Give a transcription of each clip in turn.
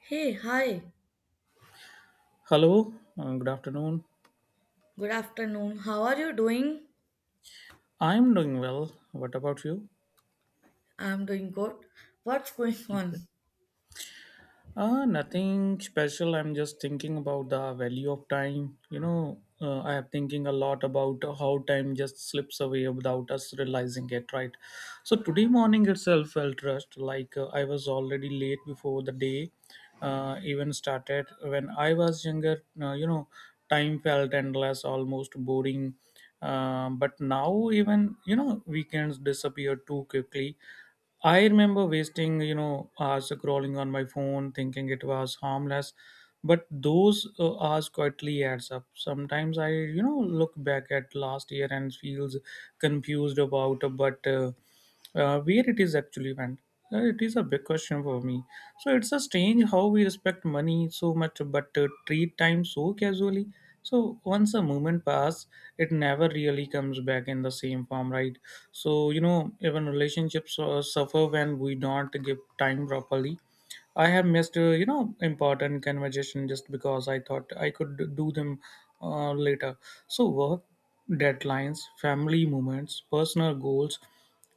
Hey, hi. Hello, good afternoon. Good afternoon. How are you doing? I'm doing well. What about you? I'm doing good. What's going on? Nothing special. I'm just thinking about the value of time. I am thinking a lot about how time just slips away without us realizing it, right? So today morning itself felt rushed, like I was already late before the day even started. When I was younger, time felt endless, almost boring. But now even weekends disappear too quickly. I remember wasting, hours scrolling on my phone, thinking it was harmless. But those hours quietly adds up. Sometimes I look back at last year and feels confused about. But Where it is actually went. It is a big question for me. So it's a strange how we respect money so much but treat time so casually. So once a moment pass, it never really comes back in the same form, right? So even relationships suffer when we don't give time properly. I have missed, important conversation just because I thought I could do them later. So work deadlines, family moments, personal goals,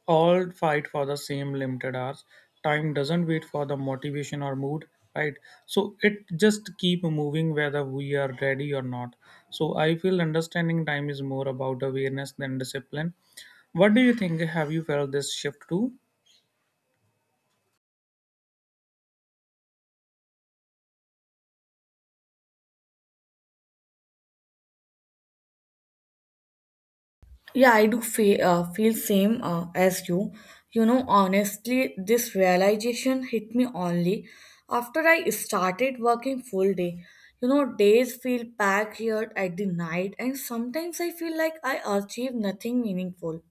all fight for the same limited hours. Time doesn't wait for the motivation or mood, right? So it just keep moving whether we are ready or not. So I feel understanding time is more about awareness than discipline. What do you think? Have you felt this shift too? Yeah, I do feel same as you. You know, honestly, this realization hit me only after I started working full day. You know, days feel packed here at the night, and sometimes I feel like I achieve nothing meaningful.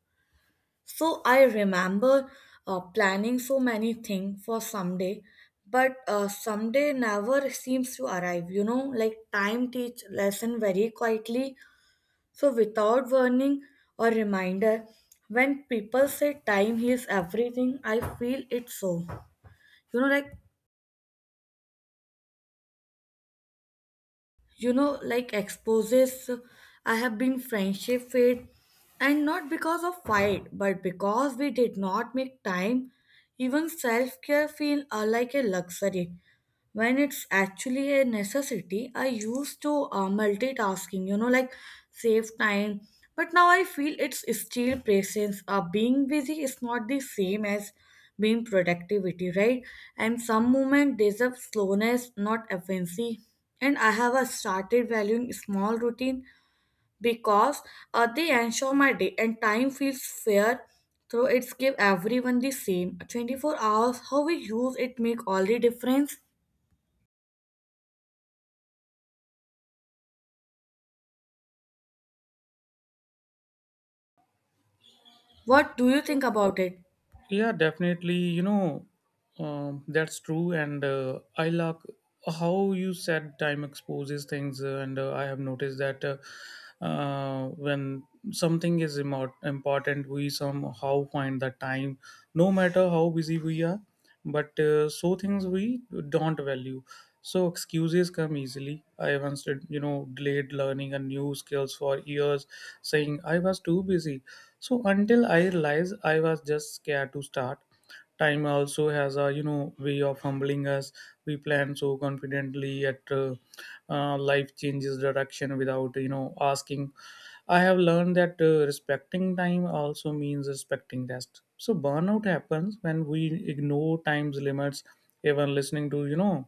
So I remember planning so many things for someday, but someday never seems to arrive. You know, like time teach lesson very quietly, so without warning or reminder. When people say time heals everything, I feel it so. You know, like like exposes. I have been friendship fade, and not because of fight but because we did not make time. Even self-care feel like a luxury when it's actually a necessity. I used to multitasking, like save time, but now I feel it's still presence. Being busy is not the same as being productivity, right? And some moment deserve slowness, not efficiency. And I have started valuing small routine, because they ensure my day and time feels fair. So it's give everyone the same 24 hours. How we use it make all the difference. What do you think about it? Yeah, definitely. You know, that's true. And I like how you said time exposes things. And I have noticed that when something is important, we somehow find the time, no matter how busy we are. But so things we don't value. So excuses come easily. I once did, delayed learning a new skills for years, saying I was too busy. So until I realized I was just scared to start. Time also has a way of humbling us. We plan so confidently at life changes direction without asking. I have learned that respecting time also means respecting rest. So burnout happens when we ignore time's limits. Even listening to you know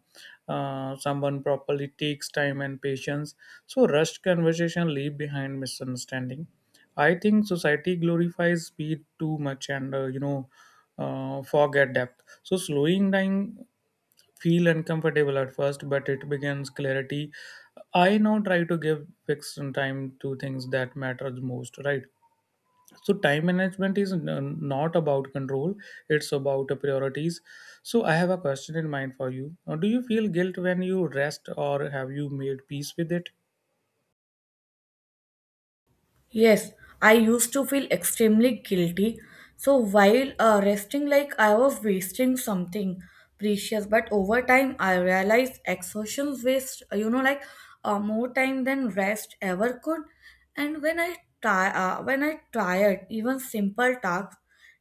uh, someone properly takes time and patience. So rushed conversation leave behind misunderstanding. I think society glorifies speed too much and forget depth. So slowing down feel uncomfortable at first, but it begins clarity. I now try to give fixed time to things that matters most. Right. So time management is not about control; it's about priorities. So I have a question in mind for you. Do you feel guilt when you rest, or have you made peace with it? Yes, I used to feel extremely guilty. So while resting, like I was wasting something precious, but over time I realized exertions waste, like more time than rest ever could. And when I tired, even simple tasks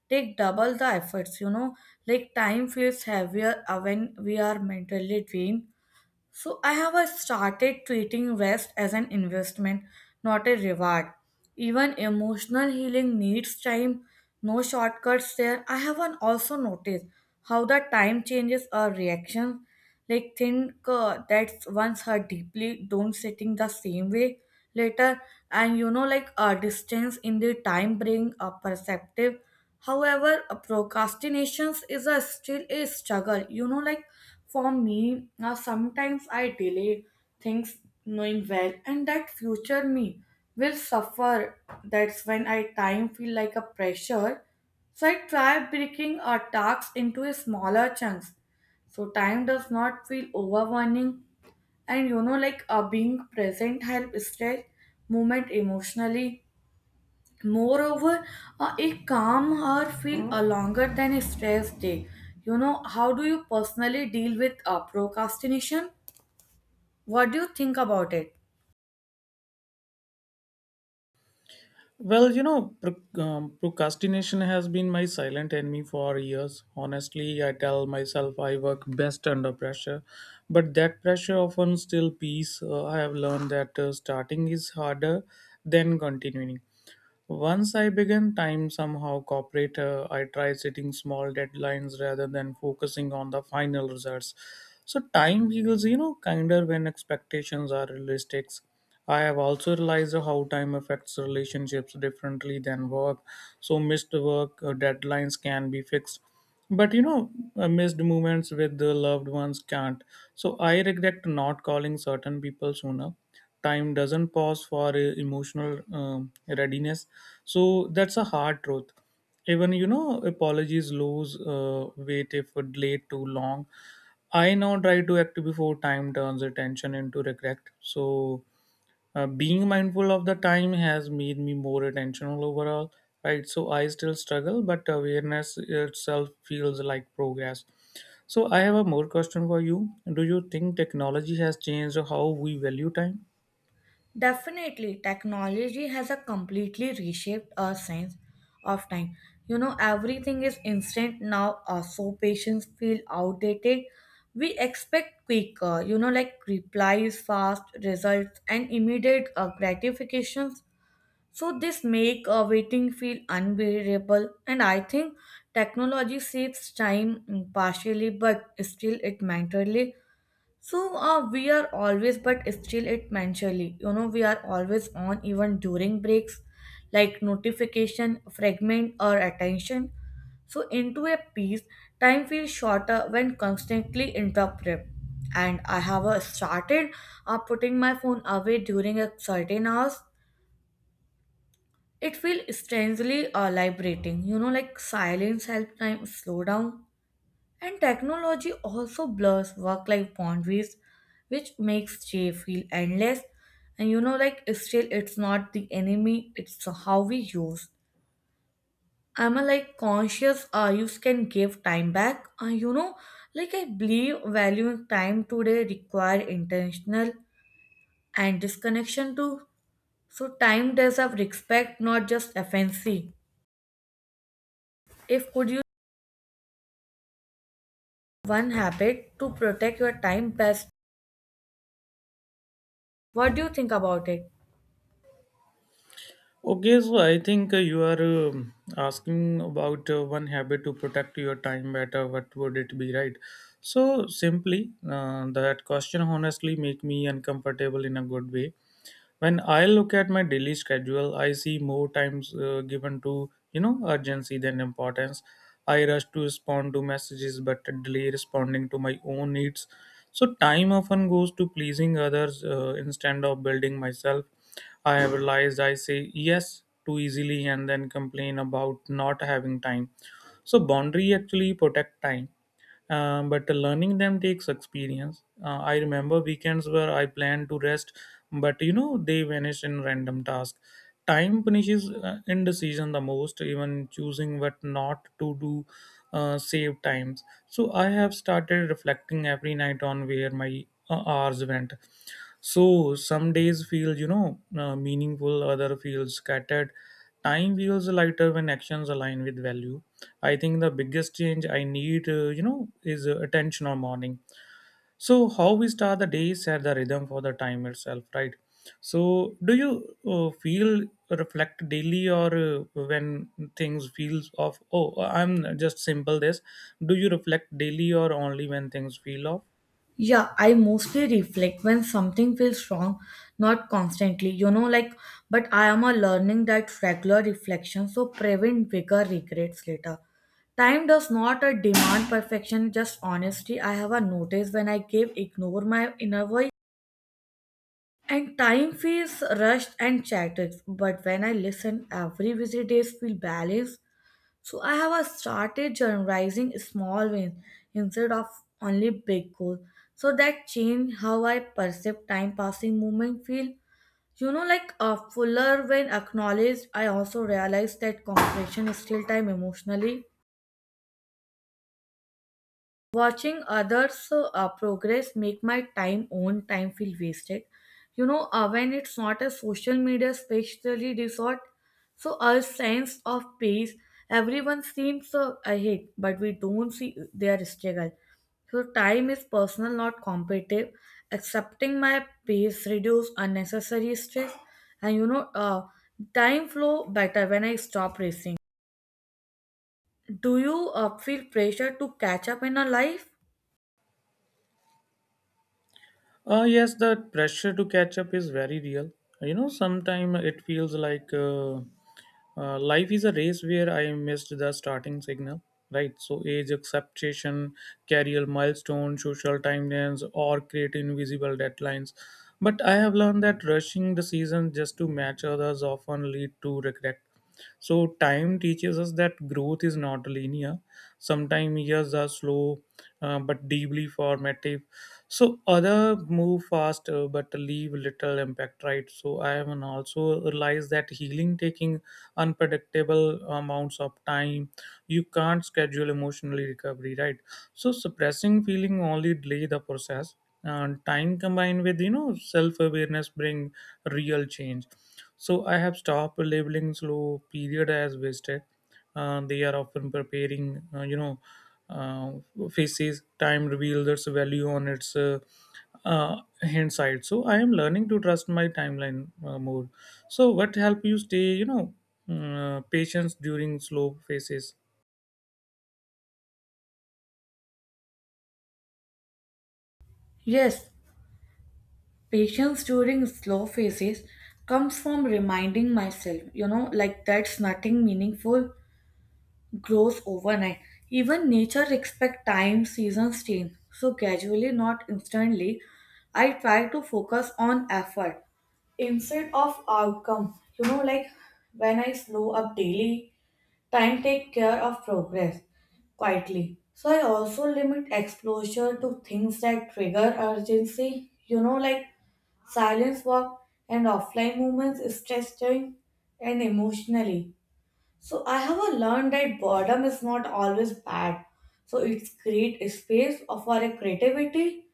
take double the efforts. You know, like time feels heavier when we are mentally drained. So I have started treating rest as an investment, not a reward. Even emotional healing needs time, no shortcuts there. I have an also noticed how the time changes our reactions. Like think that once hurt deeply, don't sitting the same way later. And like a distance in the time bring a perceptive. However, a procrastinations is a still a struggle, like for me now. Sometimes I delay things, knowing well and that future me will suffer. That's when I time feel like a pressure. So I try breaking a task into a smaller chunks, so time does not feel overwhelming. And like being present helps stretch movement emotionally. Moreover, it calm her feel longer than a stress day. How do you personally deal with procrastination? What do you think about it? Well, you know, procrastination has been my silent enemy for years. Honestly, I tell myself I work best under pressure, but that pressure often still peace. I have learned that starting is harder than continuing. Once I began time somehow corporate, I tried setting small deadlines rather than focusing on the final results. So time feels, kinder when expectations are realistic. I have also realized how time affects relationships differently than work. So missed work deadlines can be fixed, but missed moments with the loved ones can't. So I regret not calling certain people sooner. Time doesn't pause for emotional readiness, so that's a hard truth. Even apologies lose weight if delayed too long. I now try to act before time turns attention into regret. So being mindful of the time has made me more attentional overall, right? So I still struggle but awareness itself feels like progress. So I have a more question for you. Do you think technology has changed how we value time? Definitely, technology has a completely reshaped our sense of time. You know, everything is instant now, so patients feel outdated. We expect quicker, you know, like replies, fast results, and immediate gratifications. So this make waiting feel unbearable. And I think technology saves time partially, but still it mentally. So we are always, but still it mentally, we are always on even during breaks, like notification, fragment, or attention. So into a piece, time feels shorter when constantly interrupted. And I have started putting my phone away during a certain hours. It feels strangely liberating, you know, like silence helps time slow down. And technology also blurs work life boundaries, which makes J feel endless. And like, still, it's not the enemy, it's how we use. I'm a like conscious use can give time back. Like, I believe valuing time today require intentional and disconnection too. So, time deserve respect, not just efficiency. If could you one habit to protect your time best, what do you think about it? Okay, so I think you are asking about one habit to protect your time better. What would it be, right? So simply, that question honestly make me uncomfortable in a good way. When I look at my daily schedule I see more times given to urgency than importance. I rush to respond to messages but delay responding to my own needs. So time often goes to pleasing others instead of building myself. I have realized I say yes too easily and then complain about not having time. So boundary actually protect time. But learning them takes experience. I remember weekends where I planned to rest, but they vanish in random tasks. Time punishes indecision the most. Even choosing what not to do save times. So I have started reflecting every night on where my hours went. So some days feel, meaningful, other feels scattered. Time feels lighter when actions align with value. I think the biggest change I need, is attention or morning. So how we start the day set the rhythm for the time itself, right? So do you feel reflect daily or when things feels off? Oh, I'm just simple this. Do you reflect daily or only when things feel off? Yeah, I mostly reflect when something feels wrong, not constantly, like, but I am a learning that regular reflection so prevent bigger regrets later. Time does not a demand perfection, just honesty. I have a notice when I give ignore my inner voice, and time feels rushed and chatted. But when I listen, every visit days feel balanced. So I have started journalizing small wins instead of only big goals. So that changed how I perceive time passing movement feel. You know, like a fuller when acknowledged, I also realized that compression still time emotionally. Watching others progress make my time own time feel wasted. When it's not a social media, especially resort. So our sense of pace, everyone seems ahead, but we don't see their struggle. So time is personal, not competitive. Accepting my pace reduce unnecessary stress. And time flow better when I stop racing. Do you feel pressure to catch up in a life? Yes, the pressure to catch up is very real. You know, sometimes it feels like life is a race where I missed the starting signal, right? So, age acceptation, career milestones, social timelines, or create invisible deadlines. But I have learned that rushing the season just to match others often lead to regret. So time teaches us that growth is not linear. Sometimes years are slow, but deeply formative. So other move fast but leave little impact, right? So I have an also realized that healing taking unpredictable amounts of time. You can't schedule emotionally recovery, right? So suppressing feeling only delay the process. And time combined with self awareness bring real change. So I have stopped labeling slow period as wasted. They are often preparing, uh, faces. Time reveals its value on its uh, hindsight. So I am learning to trust my timeline more. So what help you stay, patience during slow phases? Yes, patience during slow phases comes from reminding myself, like that's nothing meaningful grows overnight. Even nature expect time, seasons change. So gradually, not instantly, I try to focus on effort instead of outcome. You know, like when I slow up daily, time take care of progress quietly. So I also limit exposure to things that trigger urgency. You know, like silence walk and offline movements is testing and emotionally. So I have a learned that boredom is not always bad, so it's create a space of our creativity.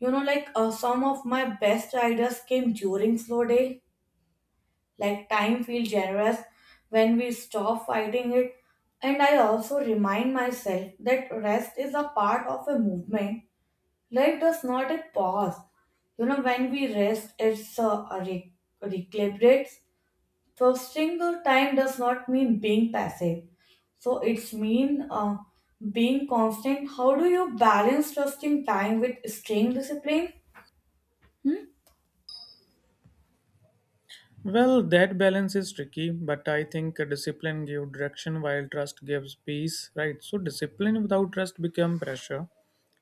Like some of my best ideas came during slow day. Like time feels generous when we stop fighting it. And I also remind myself that rest is a part of a movement. Life does not a pause. You know, when we rest, it's recalibrates. So, single time does not mean being passive. So, it's mean being constant. How do you balance trusting time with staying disciplined? Well, that balance is tricky, but I think discipline gives direction while trust gives peace, right? So discipline without trust become pressure.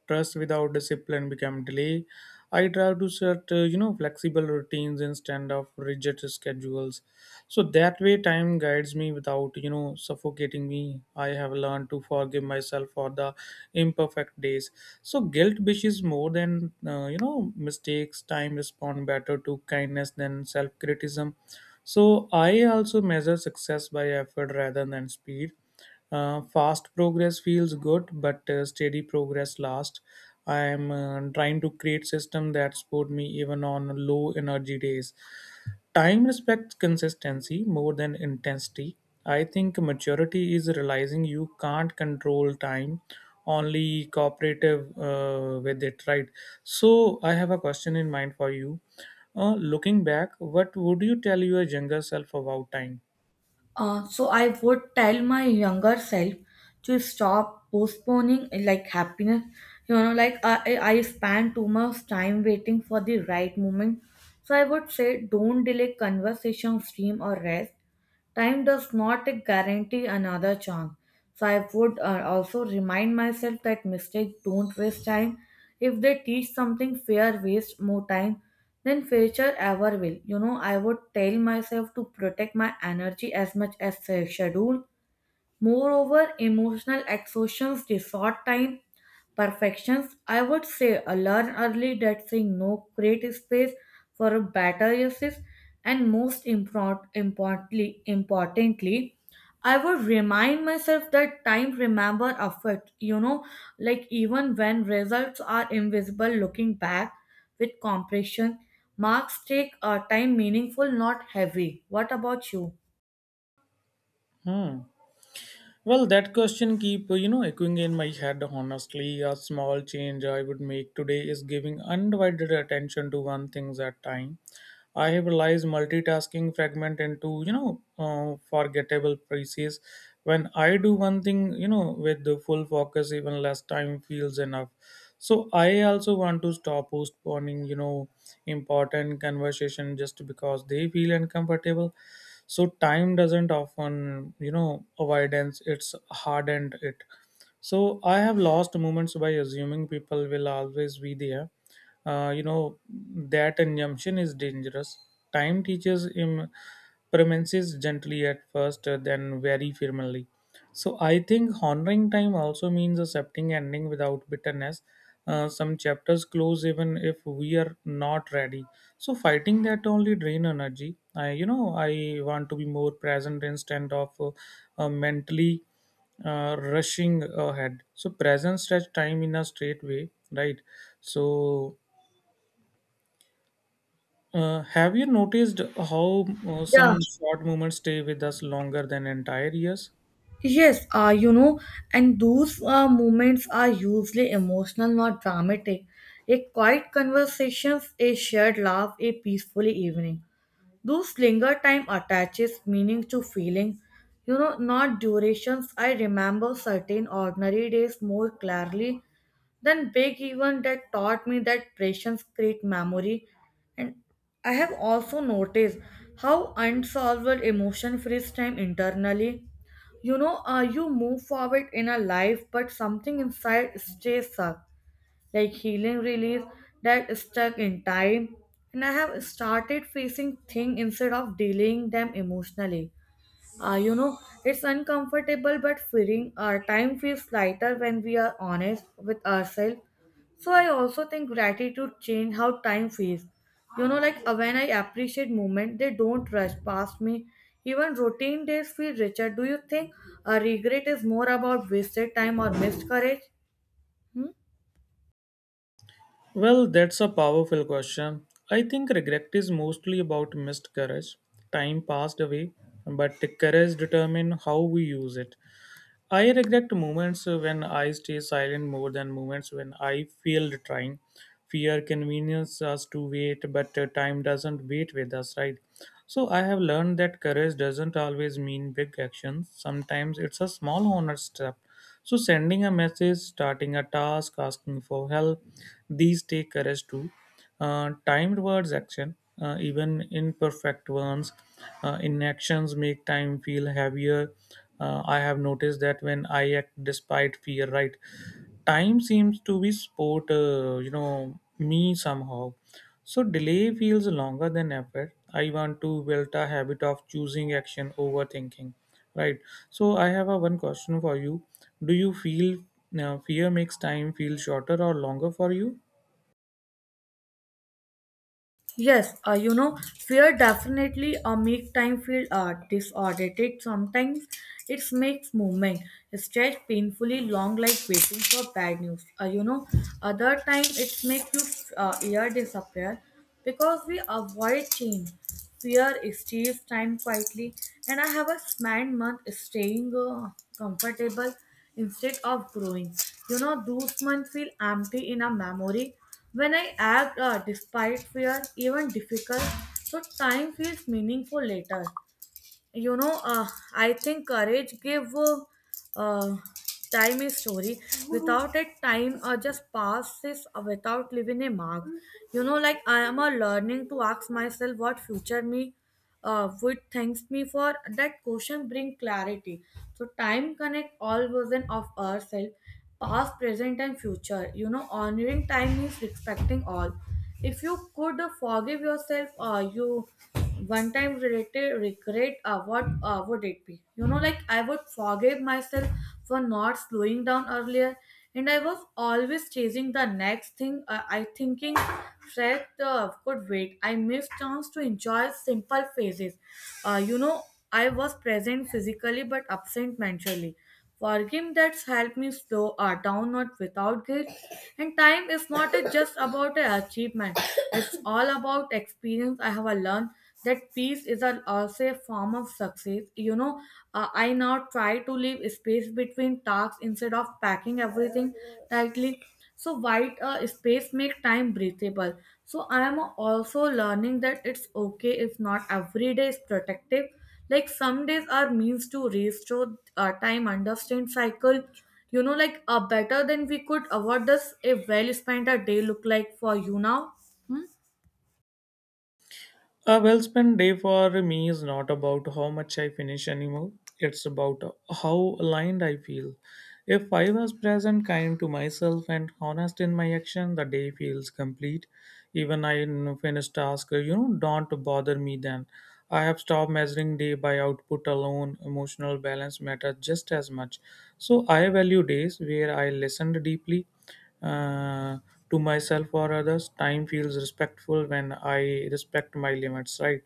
Trust without discipline become delay. I try to set, flexible routines instead of rigid schedules. So that way time guides me without, suffocating me. I have learned to forgive myself for the imperfect days. So guilt wishes more than, mistakes. Time respond better to kindness than self-criticism. So I also measure success by effort rather than speed. Fast progress feels good, but steady progress lasts. I am trying to create system that support me even on low energy days. Time respects consistency more than intensity. I think maturity is realizing you can't control time, only cooperative with it, right? So I have a question in mind for you. Looking back, what would you tell your younger self about time? So I would tell my younger self to stop postponing, like happiness. You know, like I spend too much time waiting for the right moment. So I would say don't delay conversation, stream or rest. Time does not guarantee another chance. So I would also remind myself that mistakes don't waste time. If they teach something, fear waste more time than future ever will. You know, I would tell myself to protect my energy as much as schedule. Moreover, emotional exhaustions, the short time, perfections. I would say I learn early that saying no create space for a better uses. And most importantly, I would remind myself that time remember effort, you know, like even when results are invisible, looking back with compression, marks take a time meaningful, not heavy. What about you? Hmm. Well, that question keep echoing in my head. Honestly, a small change I would make today is giving undivided attention to one things at time. I have realized multitasking fragment into forgettable pieces. When I do one thing, with the full focus, even less time feels enough. So I also want to stop postponing, important conversation just because they feel uncomfortable. So time doesn't often avoidance, it's hardened it. So I have lost moments by assuming people will always be there. That assumption is dangerous. Time teaches him premises gently at first, then very firmly. So I think honoring time also means accepting ending without bitterness. Some chapters close even if we are not ready. So fighting that only drain energy. I want to be more present instead of mentally rushing ahead. So presence stretch time in a straight way, right? So have you noticed how Yeah. some short moments stay with us longer than entire years? Yes, and those moments are usually emotional, not dramatic. A quiet conversations, a shared laugh, a peaceful evening. Those linger time attaches meaning to feeling, not durations. I remember certain ordinary days more clearly than big event that taught me that patience create memory. And I have also noticed how unsolved emotion frees time internally. You know, you move forward in a life, but something inside stays stuck, like healing release that stuck in time. And I have started facing things instead of dealing them emotionally. uh, you know it's uncomfortable but freeing. Our time feels lighter when we are honest with ourselves. So I also think gratitude change how time feels. You know, like when I appreciate moment, they don't rush past me. Even routine days feel richer. Do you think a regret is more about wasted time or missed courage? Hmm? Well, that's a powerful question. I think regret is mostly about missed courage. Time passed away, but the courage determines how we use it. I regret moments when I stay silent more than moments when I feel trying. Fear convenience us to wait, but time doesn't wait with us, right? So I have learned that courage doesn't always mean big actions. Sometimes it's a small honest step. So sending a message, starting a task, asking for help, these take courage too. Timed words action, even imperfect ones, inactions make time feel heavier. I have noticed that when I act despite fear, right? Time seems to be sport, me somehow. So delay feels longer than effort. I want to build a habit of choosing action over thinking, right? So I have a one question for you. Do you feel fear makes time feel shorter or longer for you? Yes, fear definitely a make time feel disoriented. Sometimes it makes movement stretch painfully long, like waiting for bad news. Other time it makes you ear disappear because we avoid change. Fear steals time quietly, and I have a spent month staying comfortable instead of growing. You know, those months feel empty in a memory. When I act despite fear, even difficult, so time feels meaningful later. you know uh, I think courage gave uh, time a story. Without it time just passes without leaving a mark. Like I am a learning to ask myself what future me would thanks me for. That question bring clarity. So time connect all version of ourselves, past, present, and future. Honoring time means respecting all. If you could forgive yourself you one time related regret, what would it be? Like I would forgive myself for not slowing down earlier. And I was always chasing the next thing. I thinking fred could wait. I missed chance to enjoy simple phases. uh, you know I was present physically but absent mentally. For game that's helped me slow down, not without guilt. And time is not just about an achievement. It's all about experience. I have a learned that peace is a, also a form of success. You know, I now try to leave space between tasks instead of packing everything tightly. So white space make time breathable. So I am also learning that it's okay if not every day is protective, like some days are means to restore time understand cycle, better than we could. What does a well spent a day look like for you now? Hmm? A well spent day for me is not about how much I finish anymore, it's about how aligned I feel. If I was present, kind to myself, and honest in my action, the day feels complete. Even I finished task, you know, don't bother me then. I have stopped measuring day by output alone. Emotional balance matters just as much. So I value days where I listened deeply uh, to myself or others. Time feels respectful when I respect my limits, right?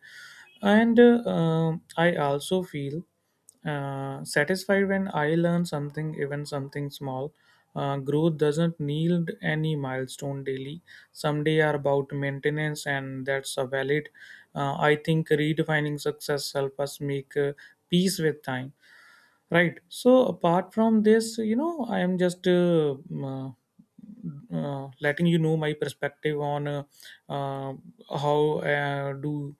And I also feel satisfied when I learn something, even something small. Growth doesn't need any milestone daily. Some day are about maintenance, and that's a valid. I think redefining success help us make peace with time. Right. So apart from this, you know, I am just uh, letting you know my perspective on uh, how do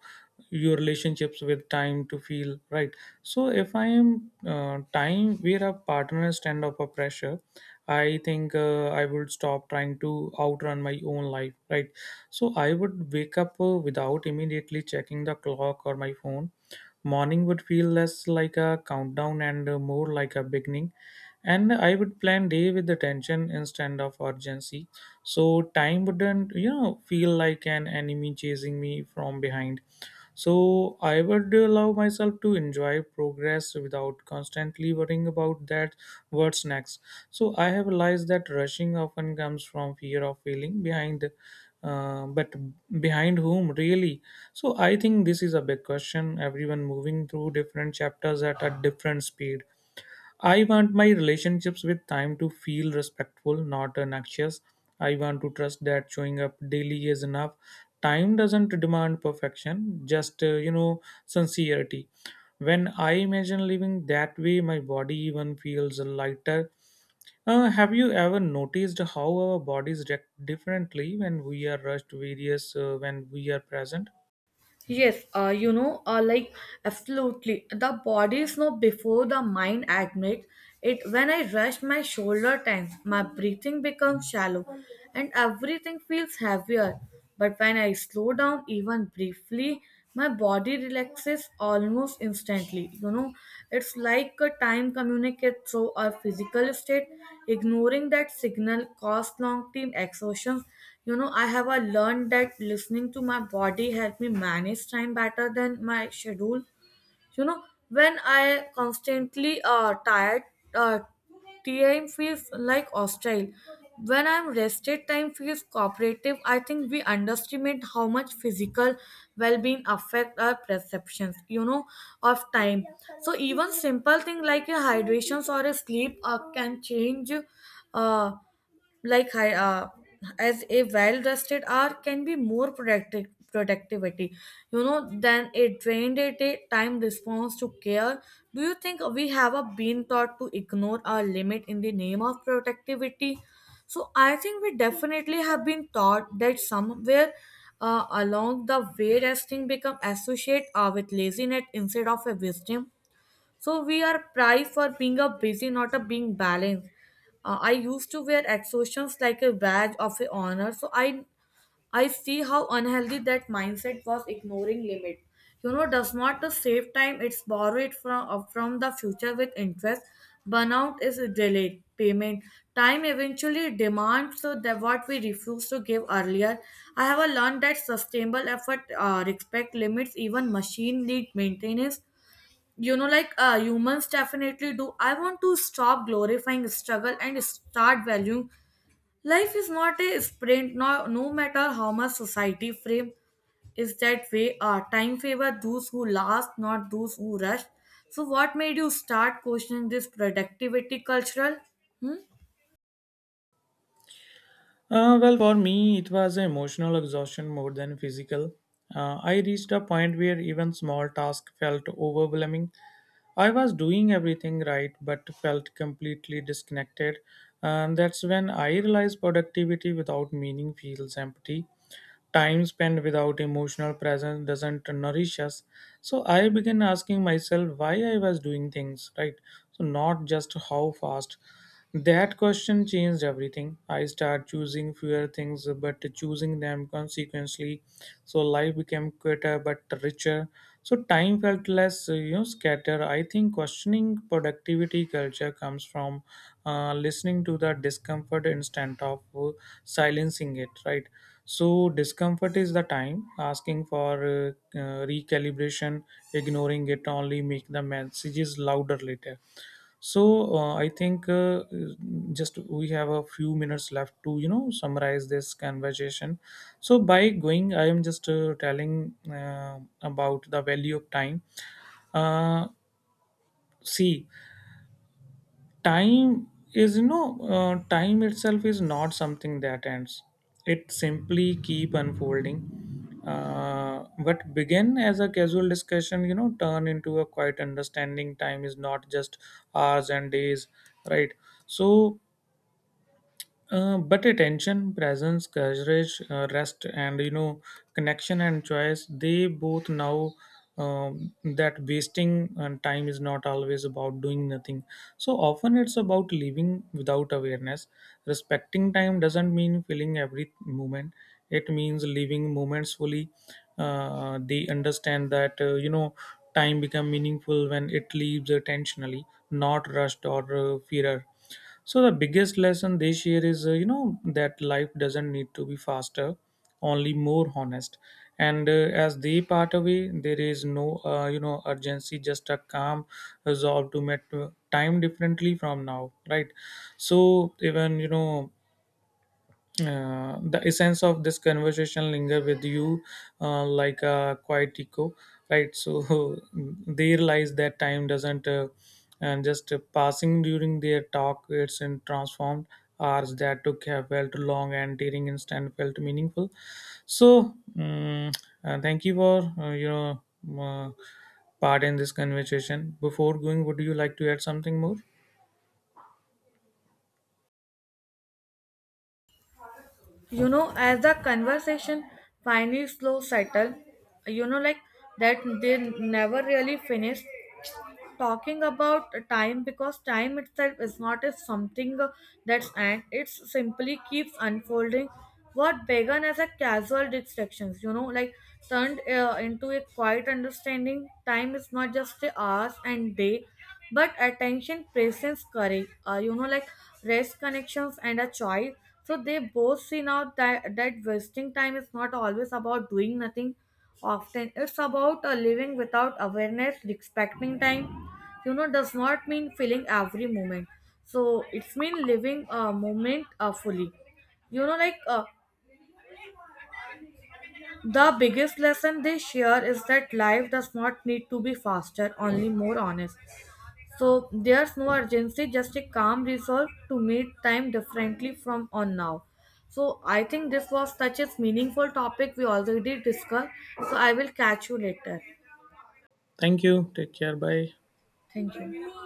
your relationships with time to feel right. So if I am time where a partner stand up a pressure, I think I would stop trying to outrun my own life. Right. So I would wake up without immediately checking the clock or my phone. Morning would feel less like a countdown and more like a beginning. And I would plan day with attention instead of urgency. So time wouldn't, you know, feel like an enemy chasing me from behind. So I would allow myself to enjoy progress without constantly worrying about that what's next. So I have realized that rushing often comes from fear of failing behind but behind whom really. So I think this is a big question. Everyone moving through different chapters at a different speed. I want my relationships with time to feel respectful, not anxious. I want to trust that showing up daily is enough. Time doesn't demand perfection, just you know, sincerity. When I imagine living that way, my body even feels lighter. Have you ever noticed how our bodies react differently when we are rushed, various when we are present? Yes, absolutely. The body is now before the mind admits it. When I rest my shoulder tense, my breathing becomes shallow and everything feels heavier. But when I slow down even briefly, my body relaxes almost instantly. You know, it's like a time communicates through our physical state. Ignoring that signal causes long-term exhaustion. You know, I have learned that listening to my body helped me manage time better than my schedule. You know, when I constantly tired, uh, time feels like hostile. When I'm rested, time feels cooperative. I think we underestimate how much physical well-being affect our perceptions, you know, of time. So even simple thing like a hydration or a sleep can change. Uh, like hi- uh, as a well-rested hour can be more productive productivity, you know, than a drained at a time response to care. Do you think we have a been taught to ignore our limit in the name of productivity? So I think we definitely have been taught that somewhere. Along the way resting become associated with laziness instead of a wisdom. So we are prized for being a busy, not a being balanced. I used to wear exhaustions like a badge of a honor. So I see how unhealthy that mindset was ignoring limit. You know, does not the save time, it's borrowed from the future with interest. Burnout is a delayed payment. Time eventually demands so that what we refuse to give earlier. I have learned that sustainable effort respect limits, even machine need maintenance. Humans definitely do. I want to stop glorifying struggle and start valuing. Life is not a sprint, no, no matter how much society frame is that way. Time favor those who last, not those who rush. So what made you start questioning this productivity cultural? Hmm? Well, for me, it was emotional exhaustion more than physical. I reached a point where even small tasks felt overwhelming. I was doing everything right but felt completely disconnected. And that's when I realized productivity without meaning feels empty. Time spent without emotional presence doesn't nourish us. So I began asking myself why I was doing things, right? So not just how fast. That question changed everything. I start choosing fewer things, but choosing them consequently. So life became quieter but richer. So time felt less, you know, scattered. I think questioning productivity culture comes from listening to the discomfort instead of silencing it, right? So, discomfort is the time asking for recalibration. Ignoring it only make the messages louder later. So, I think just we have a few minutes left to, you know, summarize this conversation. So, by going, I am just telling about the value of time. Uh, See, time is, you know, time itself is not something that ends. It simply keep unfolding. What began as a casual discussion, you know, turn into a quiet understanding. Time is not just hours and days, right? So but attention, presence, courage, rest, and you know, connection and choice, they both now that wasting time is not always about doing nothing. So often it's about living without awareness. Respecting time doesn't mean filling every moment, it means living moments fully. They understand that, you know, time become meaningful when it leaves attentionally, not rushed or feared. So the biggest lesson this year is, you know, that life doesn't need to be faster, only more honest. And as they part away there is no you know, urgency, just a calm resolve to met time differently from now, right? So even, you know, the essence of this conversation linger with you, like a quiet echo, right? So they realize that time doesn't and just passing during their talk, it's in transformed. Hours that took have felt long and during instant felt meaningful. So thank you for your uh, part in this conversation. Before going, would you like to add something more? You know, as the conversation finally slow settled, you know like that they never really finished talking about time because time itself is not a something that's end. It simply keeps unfolding. What began as a casual distractions, turned into a quiet understanding. Time is not just the hours and day, but attention, presence, courage, rest, connections, and a choice. So they both see now that, that wasting time is not always about doing nothing. Often it's about living without awareness, respecting time, you know, does not mean feeling every moment. So it's mean living a moment fully. you know like uh, the biggest lesson they share is that life does not need to be faster, only more honest. So there's no urgency, just a calm resolve to meet time differently from on now. So I think this was such a meaningful topic we already discussed. So I will catch you later. Thank you, take care, bye. Thank you.